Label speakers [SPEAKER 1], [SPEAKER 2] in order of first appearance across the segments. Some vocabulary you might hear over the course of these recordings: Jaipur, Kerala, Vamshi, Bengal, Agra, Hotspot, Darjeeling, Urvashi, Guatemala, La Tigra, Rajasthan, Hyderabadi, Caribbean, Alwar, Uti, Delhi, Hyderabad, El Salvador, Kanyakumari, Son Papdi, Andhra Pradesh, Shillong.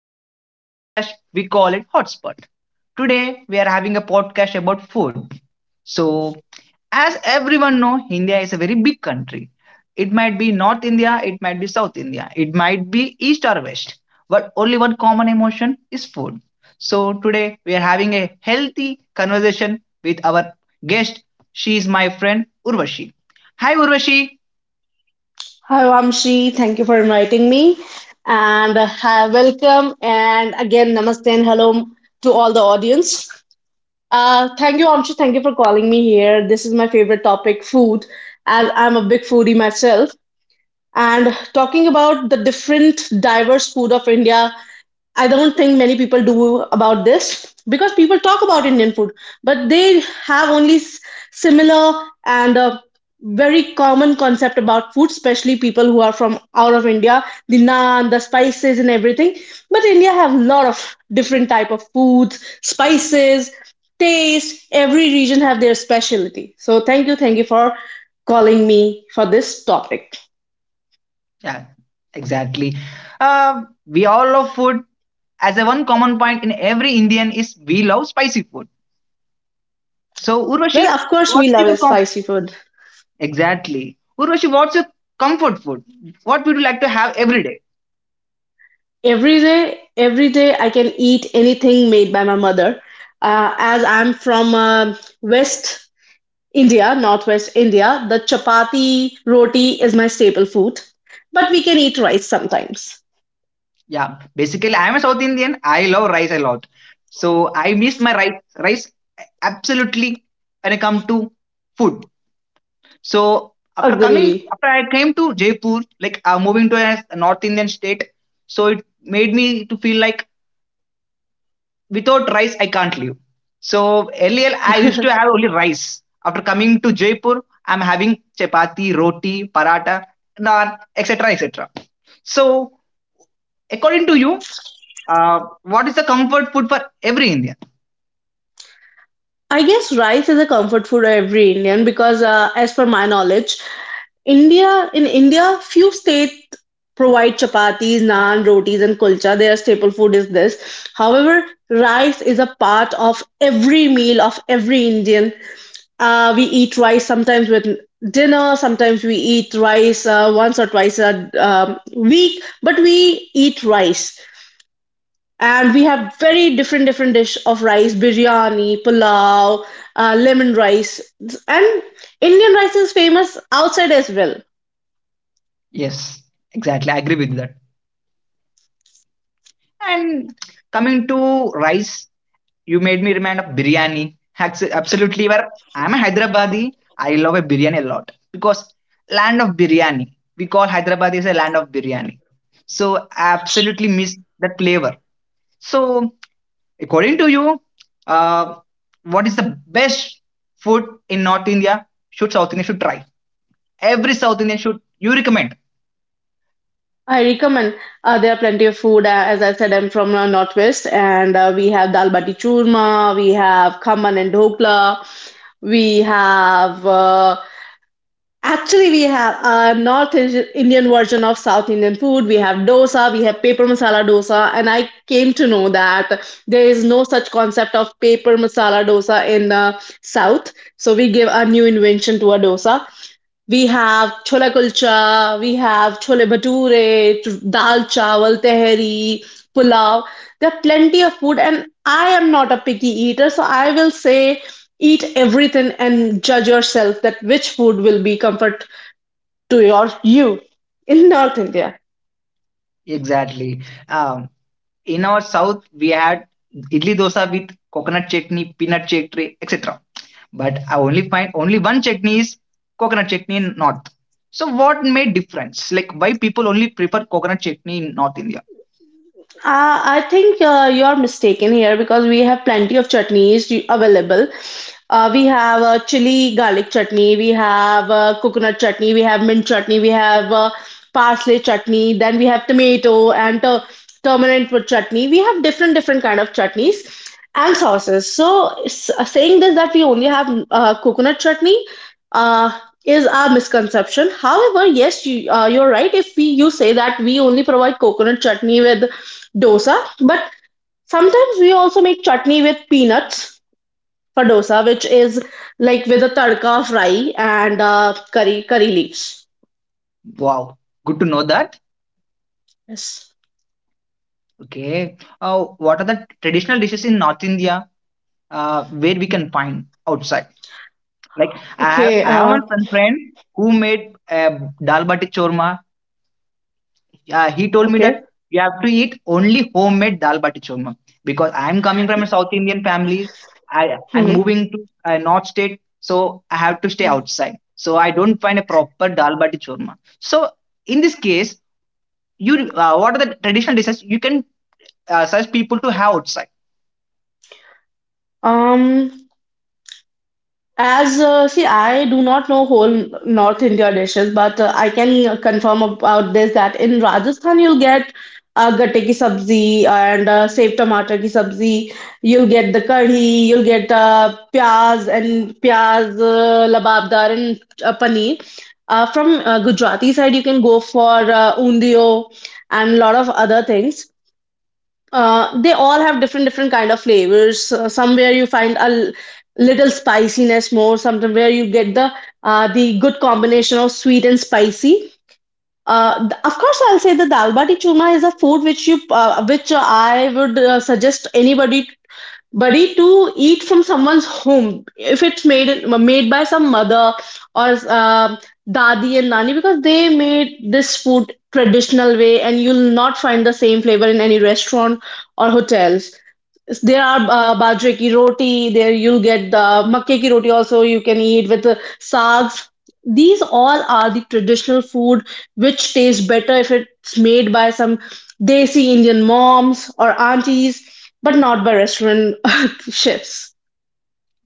[SPEAKER 1] Welcome to the podcast. We call it Hotspot. Today we are having a podcast about food. So, as everyone know, India is a very big country. It might be North India, it might be South India, it might be East or West, but only one common emotion is food. So today we are having a healthy conversation with our guest. She is my friend Urvashi. Hi Urvashi.
[SPEAKER 2] Hi, Vamshi. Thank you for inviting me. And hi, welcome. And again, namaste and hello to all the audience. Thank you, Vamshi. Thank you for calling me here. This is my favorite topic, food. And I'm a big foodie myself. And talking about the different diverse food of India, I don't think many people do about this because people talk about Indian food, but they have only similar and very common concept about food, especially people who are from out of India, the naan, the spices and everything. But India have a lot of different type of foods, spices, taste. Every region have their specialty. So thank you for calling me for this topic.
[SPEAKER 1] Yeah, exactly. We all love food. As a one common point in every Indian is we love spicy food. So
[SPEAKER 2] Well,
[SPEAKER 1] Urvashi,
[SPEAKER 2] of course, we
[SPEAKER 1] what's your
[SPEAKER 2] love
[SPEAKER 1] com-
[SPEAKER 2] spicy food.
[SPEAKER 1] exactly? Urvashi, what's your comfort food? What would you like to have every day?
[SPEAKER 2] Every day, I can eat anything made by my mother. As I'm from West India, Northwest India, the chapati roti is my staple food. But we can eat rice sometimes.
[SPEAKER 1] Yeah, basically I'm a South Indian. I love rice a lot. So I miss my rice absolutely when I come to food. So
[SPEAKER 2] Agree.
[SPEAKER 1] after I came to Jaipur, like moving to a North Indian state, so it made me to feel like without rice I can't live. So earlier I used to have only rice. After coming to Jaipur, I'm having chapati, roti, paratha, naan, etc, etc. So according to you, uh, what is the comfort food for every Indian?
[SPEAKER 2] I guess rice is a comfort food of every Indian because, as per my knowledge, India in India, few states provide chapatis, naan, rotis, and kulcha. Their staple food is this. However, rice is a part of every meal of every Indian. We eat rice sometimes with dinner, sometimes we eat rice once or twice a week, but we eat rice. And we have very different different dish of rice, biryani, pulao, lemon rice, and Indian rice is famous outside as well.
[SPEAKER 1] Yes, exactly, I agree with that. And coming to rice, you made me remind of biryani. Absolutely, where I'm a Hyderabadi, I love a biryani a lot because land of biryani. We call Hyderabad is a land of biryani. So I absolutely miss that flavor. So according to you, uh, what is the best food in North India? Should South Indian should try? Every South Indian should you recommend?
[SPEAKER 2] I recommend. There are plenty of food. As I said, I'm from Northwest, and we have dal bati churma, we have khaman and dhokla, we have actually we have a North Indian version of South Indian food. We have dosa, we have paper masala dosa, and I came to know that there is no such concept of paper masala dosa in the South. So we give a new invention to a dosa. We have chola kulcha, we have chole bhature, dal chawal, tehri, pulao. There are plenty of food, and I am not a picky eater, so I will say eat everything and judge yourself that which food will be comfort to you in North India.
[SPEAKER 1] Exactly. Um, in our South, we had idli dosa with coconut chutney, peanut chutney, etc, but I only find only one chutney is coconut chutney in north. So what made difference? Like why people only prefer coconut chutney in North India?
[SPEAKER 2] I think you're mistaken here because we have plenty of chutneys available. We have chili garlic chutney, we have coconut chutney, we have mint chutney, we have parsley chutney, then we have tomato and turmeric with chutney. We have different different kind of chutneys and sauces. So saying this that we only have coconut chutney uh, is our misconception. However, yes, you're right. If we you say that we only provide coconut chutney with dosa but sometimes we also make chutney with peanuts for dosa which is like with a tadka fry and curry leaves.
[SPEAKER 1] Wow, good to know that.
[SPEAKER 2] Yes.
[SPEAKER 1] Okay, what are the traditional dishes in North India where we can find outside? Like
[SPEAKER 2] Okay.
[SPEAKER 1] I have one friend who made dal bati chorma. Yeah, he told me
[SPEAKER 2] Okay.
[SPEAKER 1] that you have to eat only homemade dal bati churma because I'm coming from a South Indian family. I I'm
[SPEAKER 2] hmm
[SPEAKER 1] moving to a North state, so I have to stay outside. So I don't find a proper dal bati churma. So in this case, you what are the traditional dishes you can such people to have outside?
[SPEAKER 2] um As uh, see, I do not know whole North India dishes, but I can confirm about this that in Rajasthan you'll get gatte ki sabzi and sev tomato ki sabzi. You'll get the kadhi, you'll get pyaz and pyaz lababdar and paneer. From Gujarati side, you can go for undio and lot of other things. They all have different different kind of flavors. Somewhere you find a little spiciness more. Somewhere you get the good combination of sweet and spicy. Of course, I'll say that the Albati churma is a food which I would suggest anybody buddy to eat from someone's home if it's made by some mother or dadi and nani because they made this food traditional way and you'll not find the same flavor in any restaurant or hotels. There are bajre ki roti. There you'll get the makke ki roti. Also, you can eat with sags. These all are the traditional food which tastes better if it's made by some desi Indian moms or aunties, but not by restaurant chefs.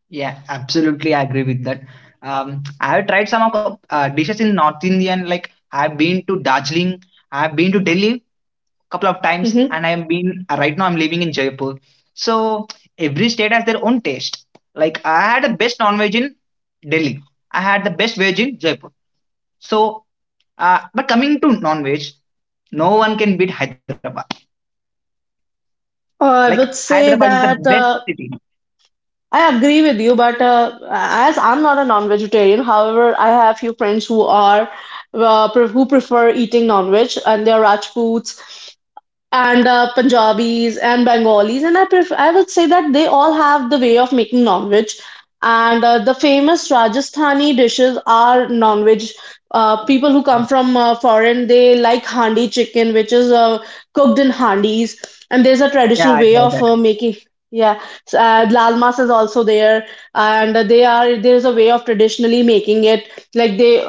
[SPEAKER 1] Yeah, absolutely, I agree with that. Um, I have tried some of dishes in North Indian, like I've been to Darjeeling, I've been to Delhi, couple of times,
[SPEAKER 2] Mhm.
[SPEAKER 1] and I have been, right now I'm living in Jaipur. So every state has their own taste. Like I had the best non-veg in Delhi, I had the best veg in Jaipur. So but coming to non-veg, no one can beat Hyderabad. Like
[SPEAKER 2] I would say
[SPEAKER 1] Hyderabad is the
[SPEAKER 2] that
[SPEAKER 1] best city.
[SPEAKER 2] I agree with you, but as I'm not a non-vegetarian, however, I have few friends who prefer eating non-veg, and they are Rajputs, and Punjabis and Bengalis, and I would say that they all have the way of making non-veg, and the famous Rajasthani dishes are non-veg. People who come from foreign they like handi chicken, which is cooked in handis, and there's a
[SPEAKER 1] Yeah,
[SPEAKER 2] traditional
[SPEAKER 1] I
[SPEAKER 2] way
[SPEAKER 1] tried
[SPEAKER 2] of
[SPEAKER 1] that.
[SPEAKER 2] making. Yeah, so, lal mas is also there, and they are there's a way of traditionally making it like they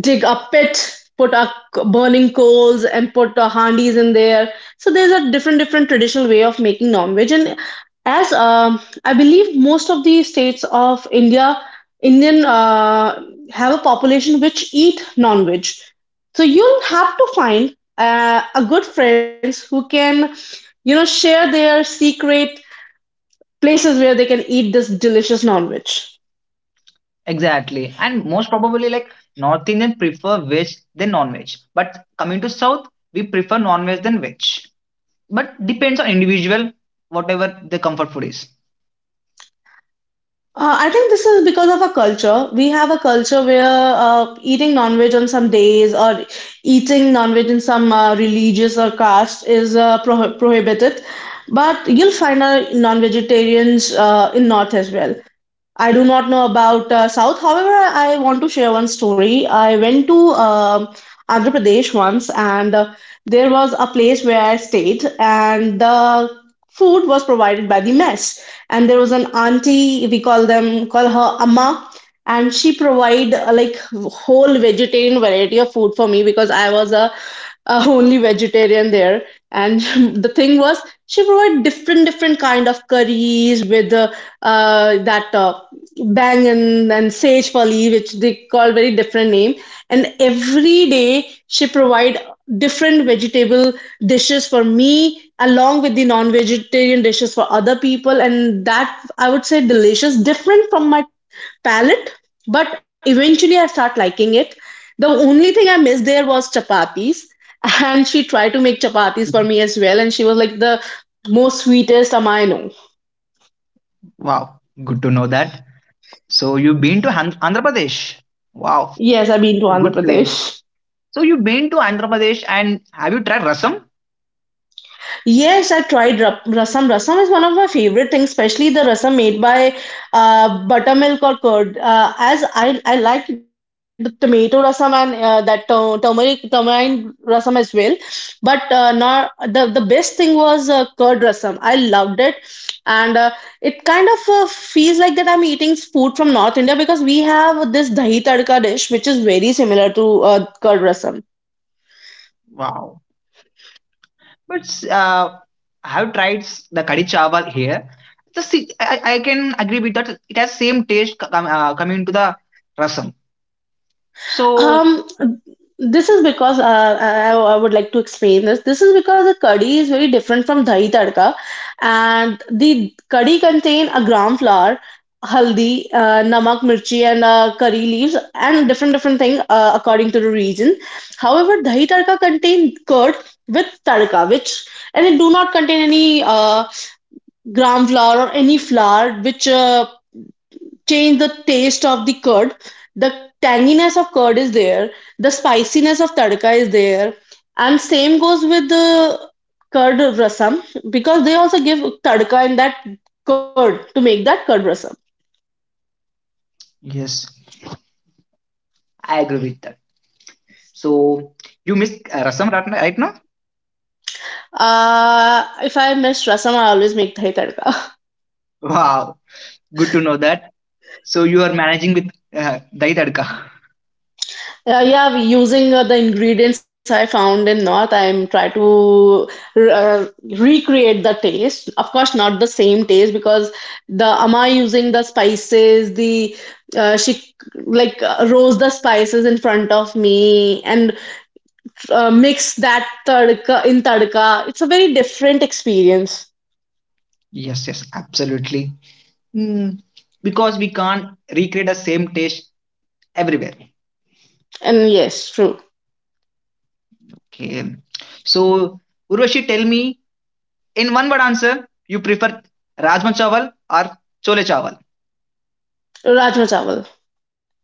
[SPEAKER 2] dig a pit, put our burning coals, and put our handis in there. So there's a different, different traditional way of making non-veg. And as I believe most of the states of India, Indian have a population which eat non-veg. So you'll have to find a good friends who can share their secret places where they can eat this delicious non-veg.
[SPEAKER 1] Exactly. And most probably, like, North Indian prefer veg than non-veg, but coming to south, we prefer non-veg than veg. But depends on individual whatever the comfort food is.
[SPEAKER 2] I think this is because of our culture. We have a culture where eating non-veg on some days or eating non-veg in some religious or caste is prohibited. But you'll find non-vegetarians in North as well. I do not know about South. However, I want to share one story. I went to um Andhra Pradesh once, and there was a place where I stayed, and the food was provided by the mess. And there was an auntie, call her Amma, and she provide like whole vegetarian variety of food for me because I was a only vegetarian there and the thing was she provided different different kind of curries with that bangan and sage pali which they call very different name. And every day she provide different vegetable dishes for me along with the non-vegetarian dishes for other people, and that I would say delicious different from my palate, but eventually I start liking it. The only thing I missed there was chapatis, and she tried to make chapatis for me as well, and she was like the most sweetest am I know.
[SPEAKER 1] Wow, good to know that. So you've been to Andhra Pradesh. Wow,
[SPEAKER 2] Yes, I've been to
[SPEAKER 1] a
[SPEAKER 2] Andhra
[SPEAKER 1] good place.
[SPEAKER 2] Pradesh.
[SPEAKER 1] So you've been to Andhra Pradesh, and have you tried rasam?
[SPEAKER 2] Yes, I tried rasam. Rasam is one of my favorite things, especially the rasam made by buttermilk or curd. As I like the tomato rasam and that turmeric tamarind rasam as well. But not the best thing was curd rasam. I loved it, and it kind of feels like that I'm eating food from North India because we have this dahi tadka dish, which is very similar to curd rasam.
[SPEAKER 1] Wow, but I have tried the kadi chawal here. I can agree with that. It has same taste coming to the rasam. So
[SPEAKER 2] Um, this is because I would like to explain this. This is because the curry is very different from dahi tadka, and the curry contain a gram flour, haldi, namak, mirchi, and curry leaves, and different different thing according to the region. However, dahi tadka contain curd with tadka, which and it do not contain any gram flour or any flour, which change the taste of the curd. The tanginess of curd is there, the spiciness of tadka is there, and same goes with the curd rasam because they also give tadka in that curd to make that curd rasam.
[SPEAKER 1] yes, I agree with that. So you miss rasam right, right now?
[SPEAKER 2] If I miss rasam, I always make dahi tadka.
[SPEAKER 1] Wow, good to know that. So you are managing with dahi tadka.
[SPEAKER 2] Yeah, using the ingredients I found in North, I'm try to uh, recreate the taste. Of course, not the same taste because the ama using the spices, the she like roast the spices in front of me and mix that tadka in tadka. It's a very different experience.
[SPEAKER 1] Yes, yes, absolutely. Mm, because we can't recreate the same taste everywhere.
[SPEAKER 2] And yes, true.
[SPEAKER 1] Okay. So, Urvashi, tell me in one word answer, you prefer Rajma Chawal or Chole Chawal?
[SPEAKER 2] Rajma chawal.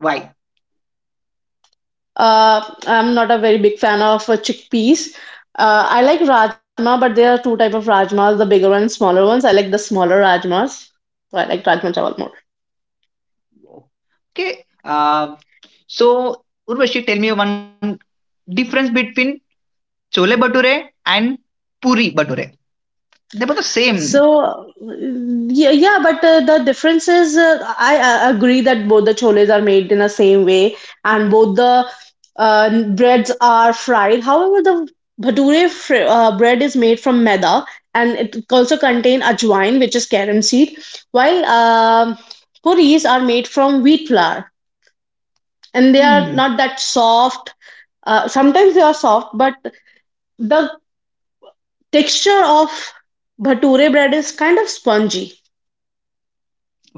[SPEAKER 1] Why?
[SPEAKER 2] I'm not a very big fan of chickpeas. I like rajma, but there are two type of rajmas, the bigger and smaller ones. I like the smaller rajmas. So I like rajma chawal more.
[SPEAKER 1] Okay. So, Urvashi, tell me one difference between Chole Bature and Puri Bature. They both the same.
[SPEAKER 2] So, yeah, yeah, but the difference is I agree that both the choles are made in the same way and both the breads are fried. However, the bhature fr bread is made from maida and it also contain ajwain, which is carom seed, while puris are made from wheat flour and they are
[SPEAKER 1] Hmm.
[SPEAKER 2] not that soft. Sometimes they are soft, but the texture of bhature bread is kind of spongy.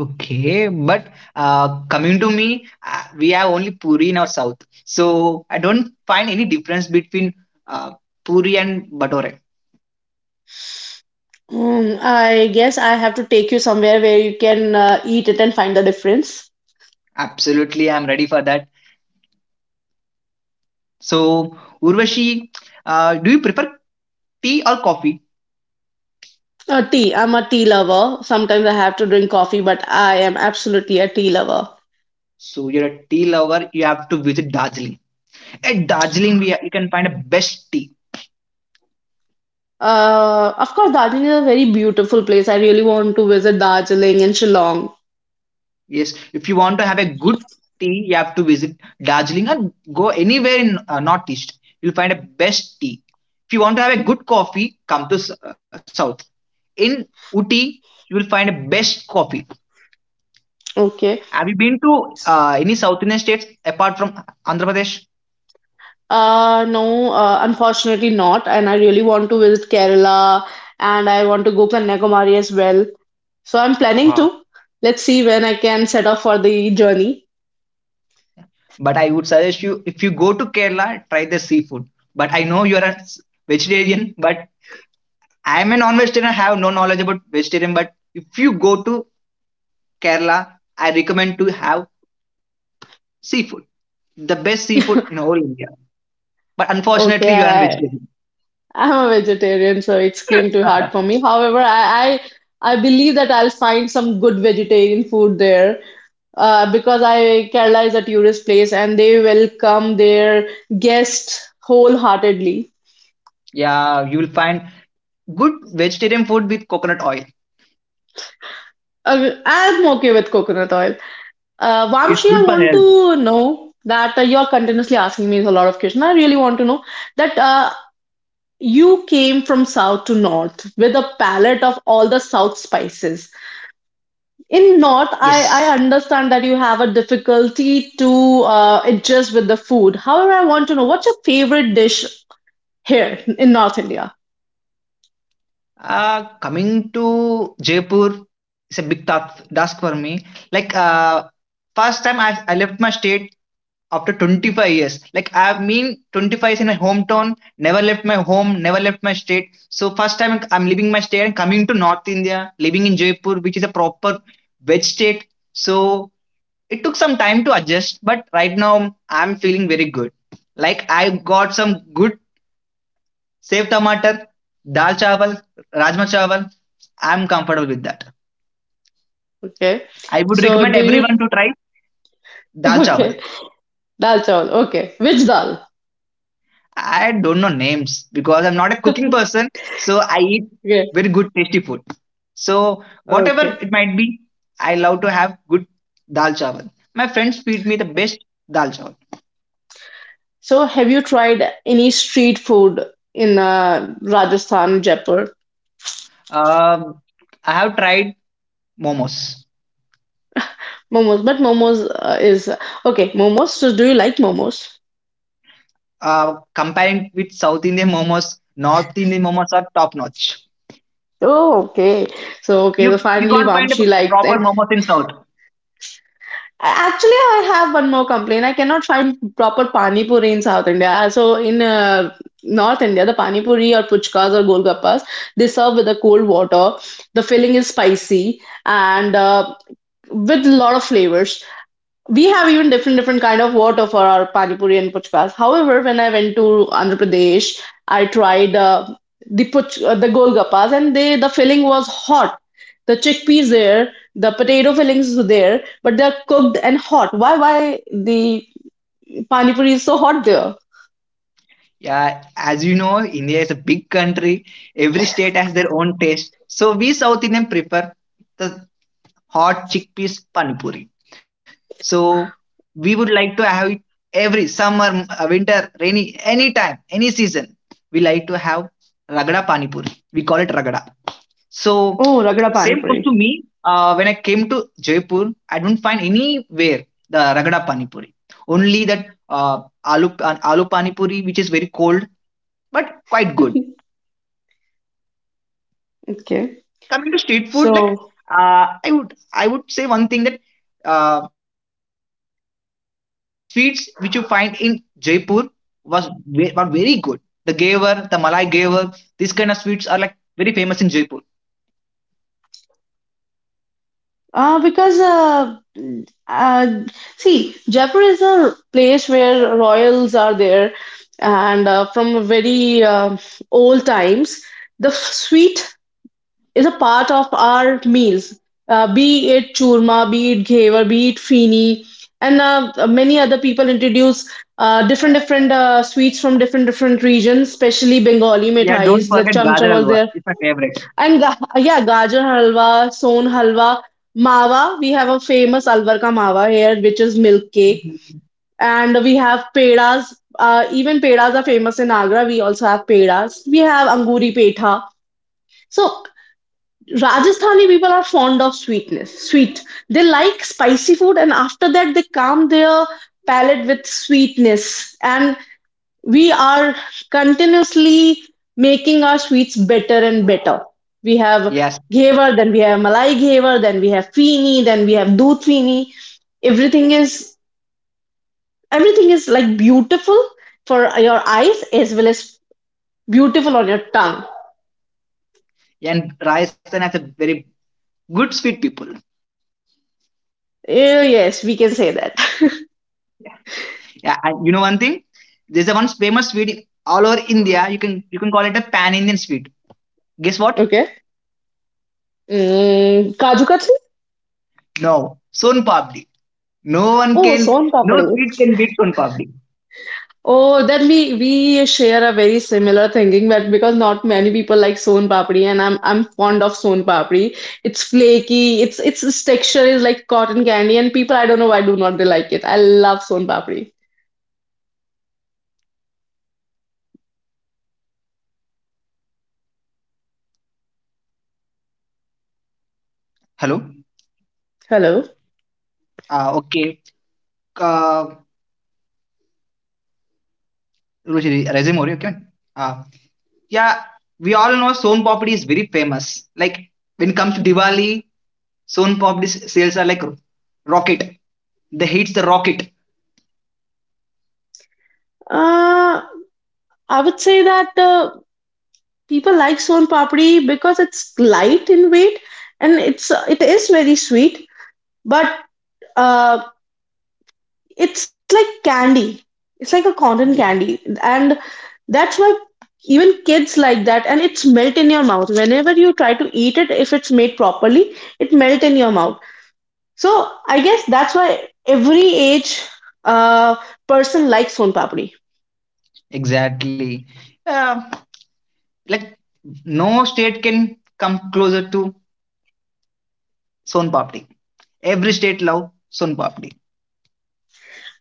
[SPEAKER 1] Okay, but coming to me, we have only Puri in our south, so I don't find any difference between uh, Puri and Bhatore.
[SPEAKER 2] I guess I have to take you somewhere where you can eat it and find the difference.
[SPEAKER 1] Absolutely, I'm ready for that. So, Urvashi, do you prefer tea or coffee?
[SPEAKER 2] Tea. I'm a tea lover. Sometimes I have to drink coffee, but I am absolutely a tea lover.
[SPEAKER 1] So, you're a tea lover. You have to visit Darjeeling. At Darjeeling, you can find a best tea.
[SPEAKER 2] Of course, Darjeeling is a very beautiful place. I really want to visit Darjeeling and Shillong.
[SPEAKER 1] Yes, if you want to have a good tea, you have to visit Darjeeling and go anywhere in Northeast. You'll find a best tea. If you want to have a good coffee, come to South. In Uti, you will find a best coffee.
[SPEAKER 2] Okay.
[SPEAKER 1] Have you been to any South Indian states apart from Andhra Pradesh?
[SPEAKER 2] No, unfortunately not. And I really want to visit Kerala and I want to go Kanyakumari as well. So I'm planning
[SPEAKER 1] Wow.
[SPEAKER 2] to. Let's see when I can set off for the journey.
[SPEAKER 1] But I would suggest you if you go to Kerala, try the seafood. But I know you're a vegetarian, but I'm a non-vegetarian. I have no knowledge about vegetarian. But if you go to Kerala, I recommend to have seafood, the best seafood in whole India. But
[SPEAKER 2] Okay,
[SPEAKER 1] unfortunately, you are a vegetarian.
[SPEAKER 2] I'm a vegetarian, so it's going to be hard for me. However, I believe that I'll find some good vegetarian food there. Because I Kerala is a tourist place and they welcome their guests wholeheartedly.
[SPEAKER 1] Yeah, you will find good vegetarian food with coconut oil.
[SPEAKER 2] I'm okay with coconut oil.
[SPEAKER 1] It's
[SPEAKER 2] Vamshi,
[SPEAKER 1] good
[SPEAKER 2] I
[SPEAKER 1] for
[SPEAKER 2] want
[SPEAKER 1] health.
[SPEAKER 2] to know that you're continuously asking me a lot of questions. I really want to know that you came from south to north with a palette of all the south spices. In North,
[SPEAKER 1] Yes.
[SPEAKER 2] I understand that you have a difficulty to adjust with the food. However, I want to know what's your favorite dish here in North India?
[SPEAKER 1] Coming to Jaipur, it's a big task for me. Like first time, I left my state after 25 years. Like I mean 25 years in my hometown, never left my home, never left my state. So first I'm leaving my state and coming to North India, living in Jaipur, which is a proper veg state. So it took some time to adjust, but right now I'm feeling very good. Like I got some good safe tomato, dal chawal, rajma chawal, I'm comfortable with that.
[SPEAKER 2] Okay.
[SPEAKER 1] I would
[SPEAKER 2] So,
[SPEAKER 1] recommend
[SPEAKER 2] do
[SPEAKER 1] everyone
[SPEAKER 2] you.
[SPEAKER 1] to try dal
[SPEAKER 2] Okay.
[SPEAKER 1] chawal.
[SPEAKER 2] Dal chawal. Okay. Which dal?
[SPEAKER 1] I don't know names because I'm not a cooking person. So I eat
[SPEAKER 2] Okay.
[SPEAKER 1] very good tasty food. So whatever
[SPEAKER 2] Okay.
[SPEAKER 1] it might be, I love to have good dal chawal. My friends feed me the best dal chawal.
[SPEAKER 2] So, have you tried any street food in Rajasthan, Jaipur?
[SPEAKER 1] Um, I have tried momos.
[SPEAKER 2] Momos. But momos is. Okay. Momos. So, do you like momos?
[SPEAKER 1] Comparing with South Indian momos, North Indian momos are top notch.
[SPEAKER 2] Oh, okay. So, okay. So,
[SPEAKER 1] You
[SPEAKER 2] finally,
[SPEAKER 1] can't find a
[SPEAKER 2] Vamshi liked.
[SPEAKER 1] proper momos in South.
[SPEAKER 2] Actually, I have one more complaint. I cannot find proper pani puri in South India. So in North India, the pani puri or puchkas or golgappas, they serve with a cold water. The filling is spicy and, with a lot of flavors, we have even different different kind of water for our pani puri and puchkas. However, when I went to Andhra Pradesh, I tried the golgappas, and the filling was hot. The chickpeas there, the potato fillings were there, but they're cooked and hot. Why the pani puri is so hot there?
[SPEAKER 1] Yeah, as you know, India is a big country. Every state has their own taste. So we South Indian prefer the hot chickpeas pani puri. So we would like to have it every summer, winter, rainy, any time, any season. We like to have ragda pani puri. We call it ragda. So
[SPEAKER 2] Oh, ragda pani
[SPEAKER 1] same goes
[SPEAKER 2] puri.
[SPEAKER 1] to me. When I came to Jaipur, I don't find anywhere the ragda pani puri. Only that aloo pani puri, which is very cold but quite good.
[SPEAKER 2] Okay,
[SPEAKER 1] Coming to street food, like,
[SPEAKER 2] so.
[SPEAKER 1] uh, i would I would say one thing that, uh, the sweets which you find in Jaipur was were very good. The gaver, the malai gaver, these kind of sweets are like very famous in Jaipur.
[SPEAKER 2] Because uh, See, Jaipur is a place where royals are there, and from very old times, the sweet is a part of our meals. Be it churma, be it ghevar, be it fini, and many other people introduce different different sweets from different different regions, especially Bengali
[SPEAKER 1] Yeah, don't
[SPEAKER 2] mithais. Like
[SPEAKER 1] forget
[SPEAKER 2] cham cham
[SPEAKER 1] Gajar
[SPEAKER 2] was
[SPEAKER 1] Halwa.
[SPEAKER 2] there,
[SPEAKER 1] It's my favorite.
[SPEAKER 2] and ga yeah, Gajar halwa, Son halwa, Mawa. We have a famous Alwar ka Mawa here, which is milk cake.
[SPEAKER 1] Mhm.
[SPEAKER 2] And we have pedas. Even pedas are famous in Agra. We also have pedas. We have Anguri Petha. So Rajasthani people are fond of sweetness, sweet. They like spicy food, and after that, they calm their palate with sweetness. And we are continuously making our sweets better and better. We have
[SPEAKER 1] Yes,
[SPEAKER 2] ghevar, then we have malai ghevar, then we have feeni, then we have doodh feeni. Everything is Everything is like beautiful for your eyes as well as beautiful on your tongue.
[SPEAKER 1] and Rajasthan has a very good sweet people.
[SPEAKER 2] Eh, yes, we can say that.
[SPEAKER 1] Yeah, and you know one thing, there's a one famous sweet all over India. You can call it a pan Indian sweet. Guess what?
[SPEAKER 2] Okay. Mm, kaju katli.
[SPEAKER 1] No, Son Papdi. No one
[SPEAKER 2] Oh,
[SPEAKER 1] can,
[SPEAKER 2] son
[SPEAKER 1] no
[SPEAKER 2] papdi.
[SPEAKER 1] street can beat Son Papdi.
[SPEAKER 2] Oh, then we share a very similar thinking, but because not many people like son papdi, and I'm fond of son papdi. It's flaky. It's its texture is like cotton candy, and people I don't know why do not they like it. I love son papdi. Hello.
[SPEAKER 1] We all know Son Papdi is very famous. Like when it comes to Diwali, Son Papdi's sales are like rocket. The Hits the rocket.
[SPEAKER 2] Uh, I would say that people like son papdi because it's light in weight and it is very sweet. But, uh, it's like candy, it's like a cotton candy, and that's why even kids like that. And it's melt in your mouth whenever you try to eat it. If it's made properly, it melt in your mouth. So I guess that's why every age uh, person likes son papdi.
[SPEAKER 1] Exactly. Uh, like no state can come closer to Son Papdi. Every state love Son Papdi.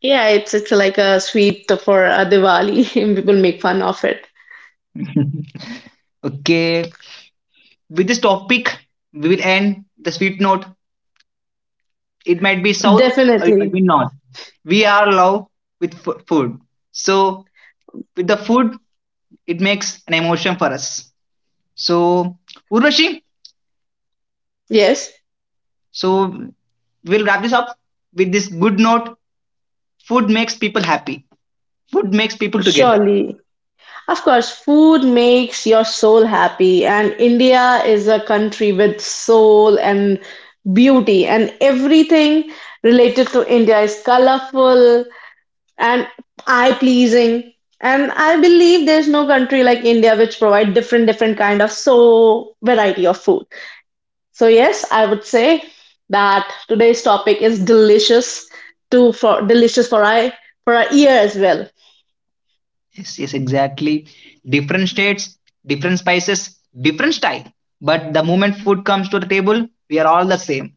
[SPEAKER 2] Yeah, it's like a sweet for a diwali. And people make fun of it.
[SPEAKER 1] okay. With this topic, we will end the sweet note. It might be south or it might
[SPEAKER 2] Definitely.
[SPEAKER 1] be north. We are love with food. So with the food, it makes an emotion for us. So Urvashi,
[SPEAKER 2] Yes.
[SPEAKER 1] so we'll wrap this up with this good note. Food makes people happy, food makes people together.
[SPEAKER 2] Surely. Of course, food makes your soul happy, and India is a country with soul and beauty, and everything related to India is colorful and eye pleasing. And I believe there's no country like India which provide different different kind of so variety of food. So yes, I would say that today's topic is delicious to for delicious for I for our ear as well.
[SPEAKER 1] Yes, yes, exactly. Different states, different spices, different style, but the moment food comes to the table, we are all the same.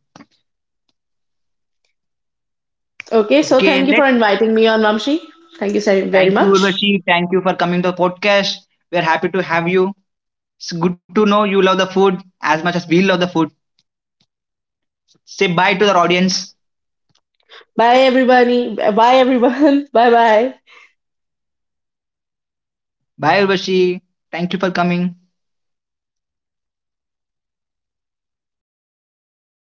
[SPEAKER 2] Okay, so
[SPEAKER 1] Okay
[SPEAKER 2] thank you for
[SPEAKER 1] let
[SPEAKER 2] inviting me on Mamshi. Thank you so very
[SPEAKER 1] Thank you,
[SPEAKER 2] much.
[SPEAKER 1] Urvashi, thank you for coming to the podcast. We are happy to have you. It's good to know you love the food as much as we love the food. Say bye to the
[SPEAKER 2] Bye
[SPEAKER 1] audience.
[SPEAKER 2] everybody. Bye everyone. Bye bye.
[SPEAKER 1] Bye, Urvashi. Thank you for coming.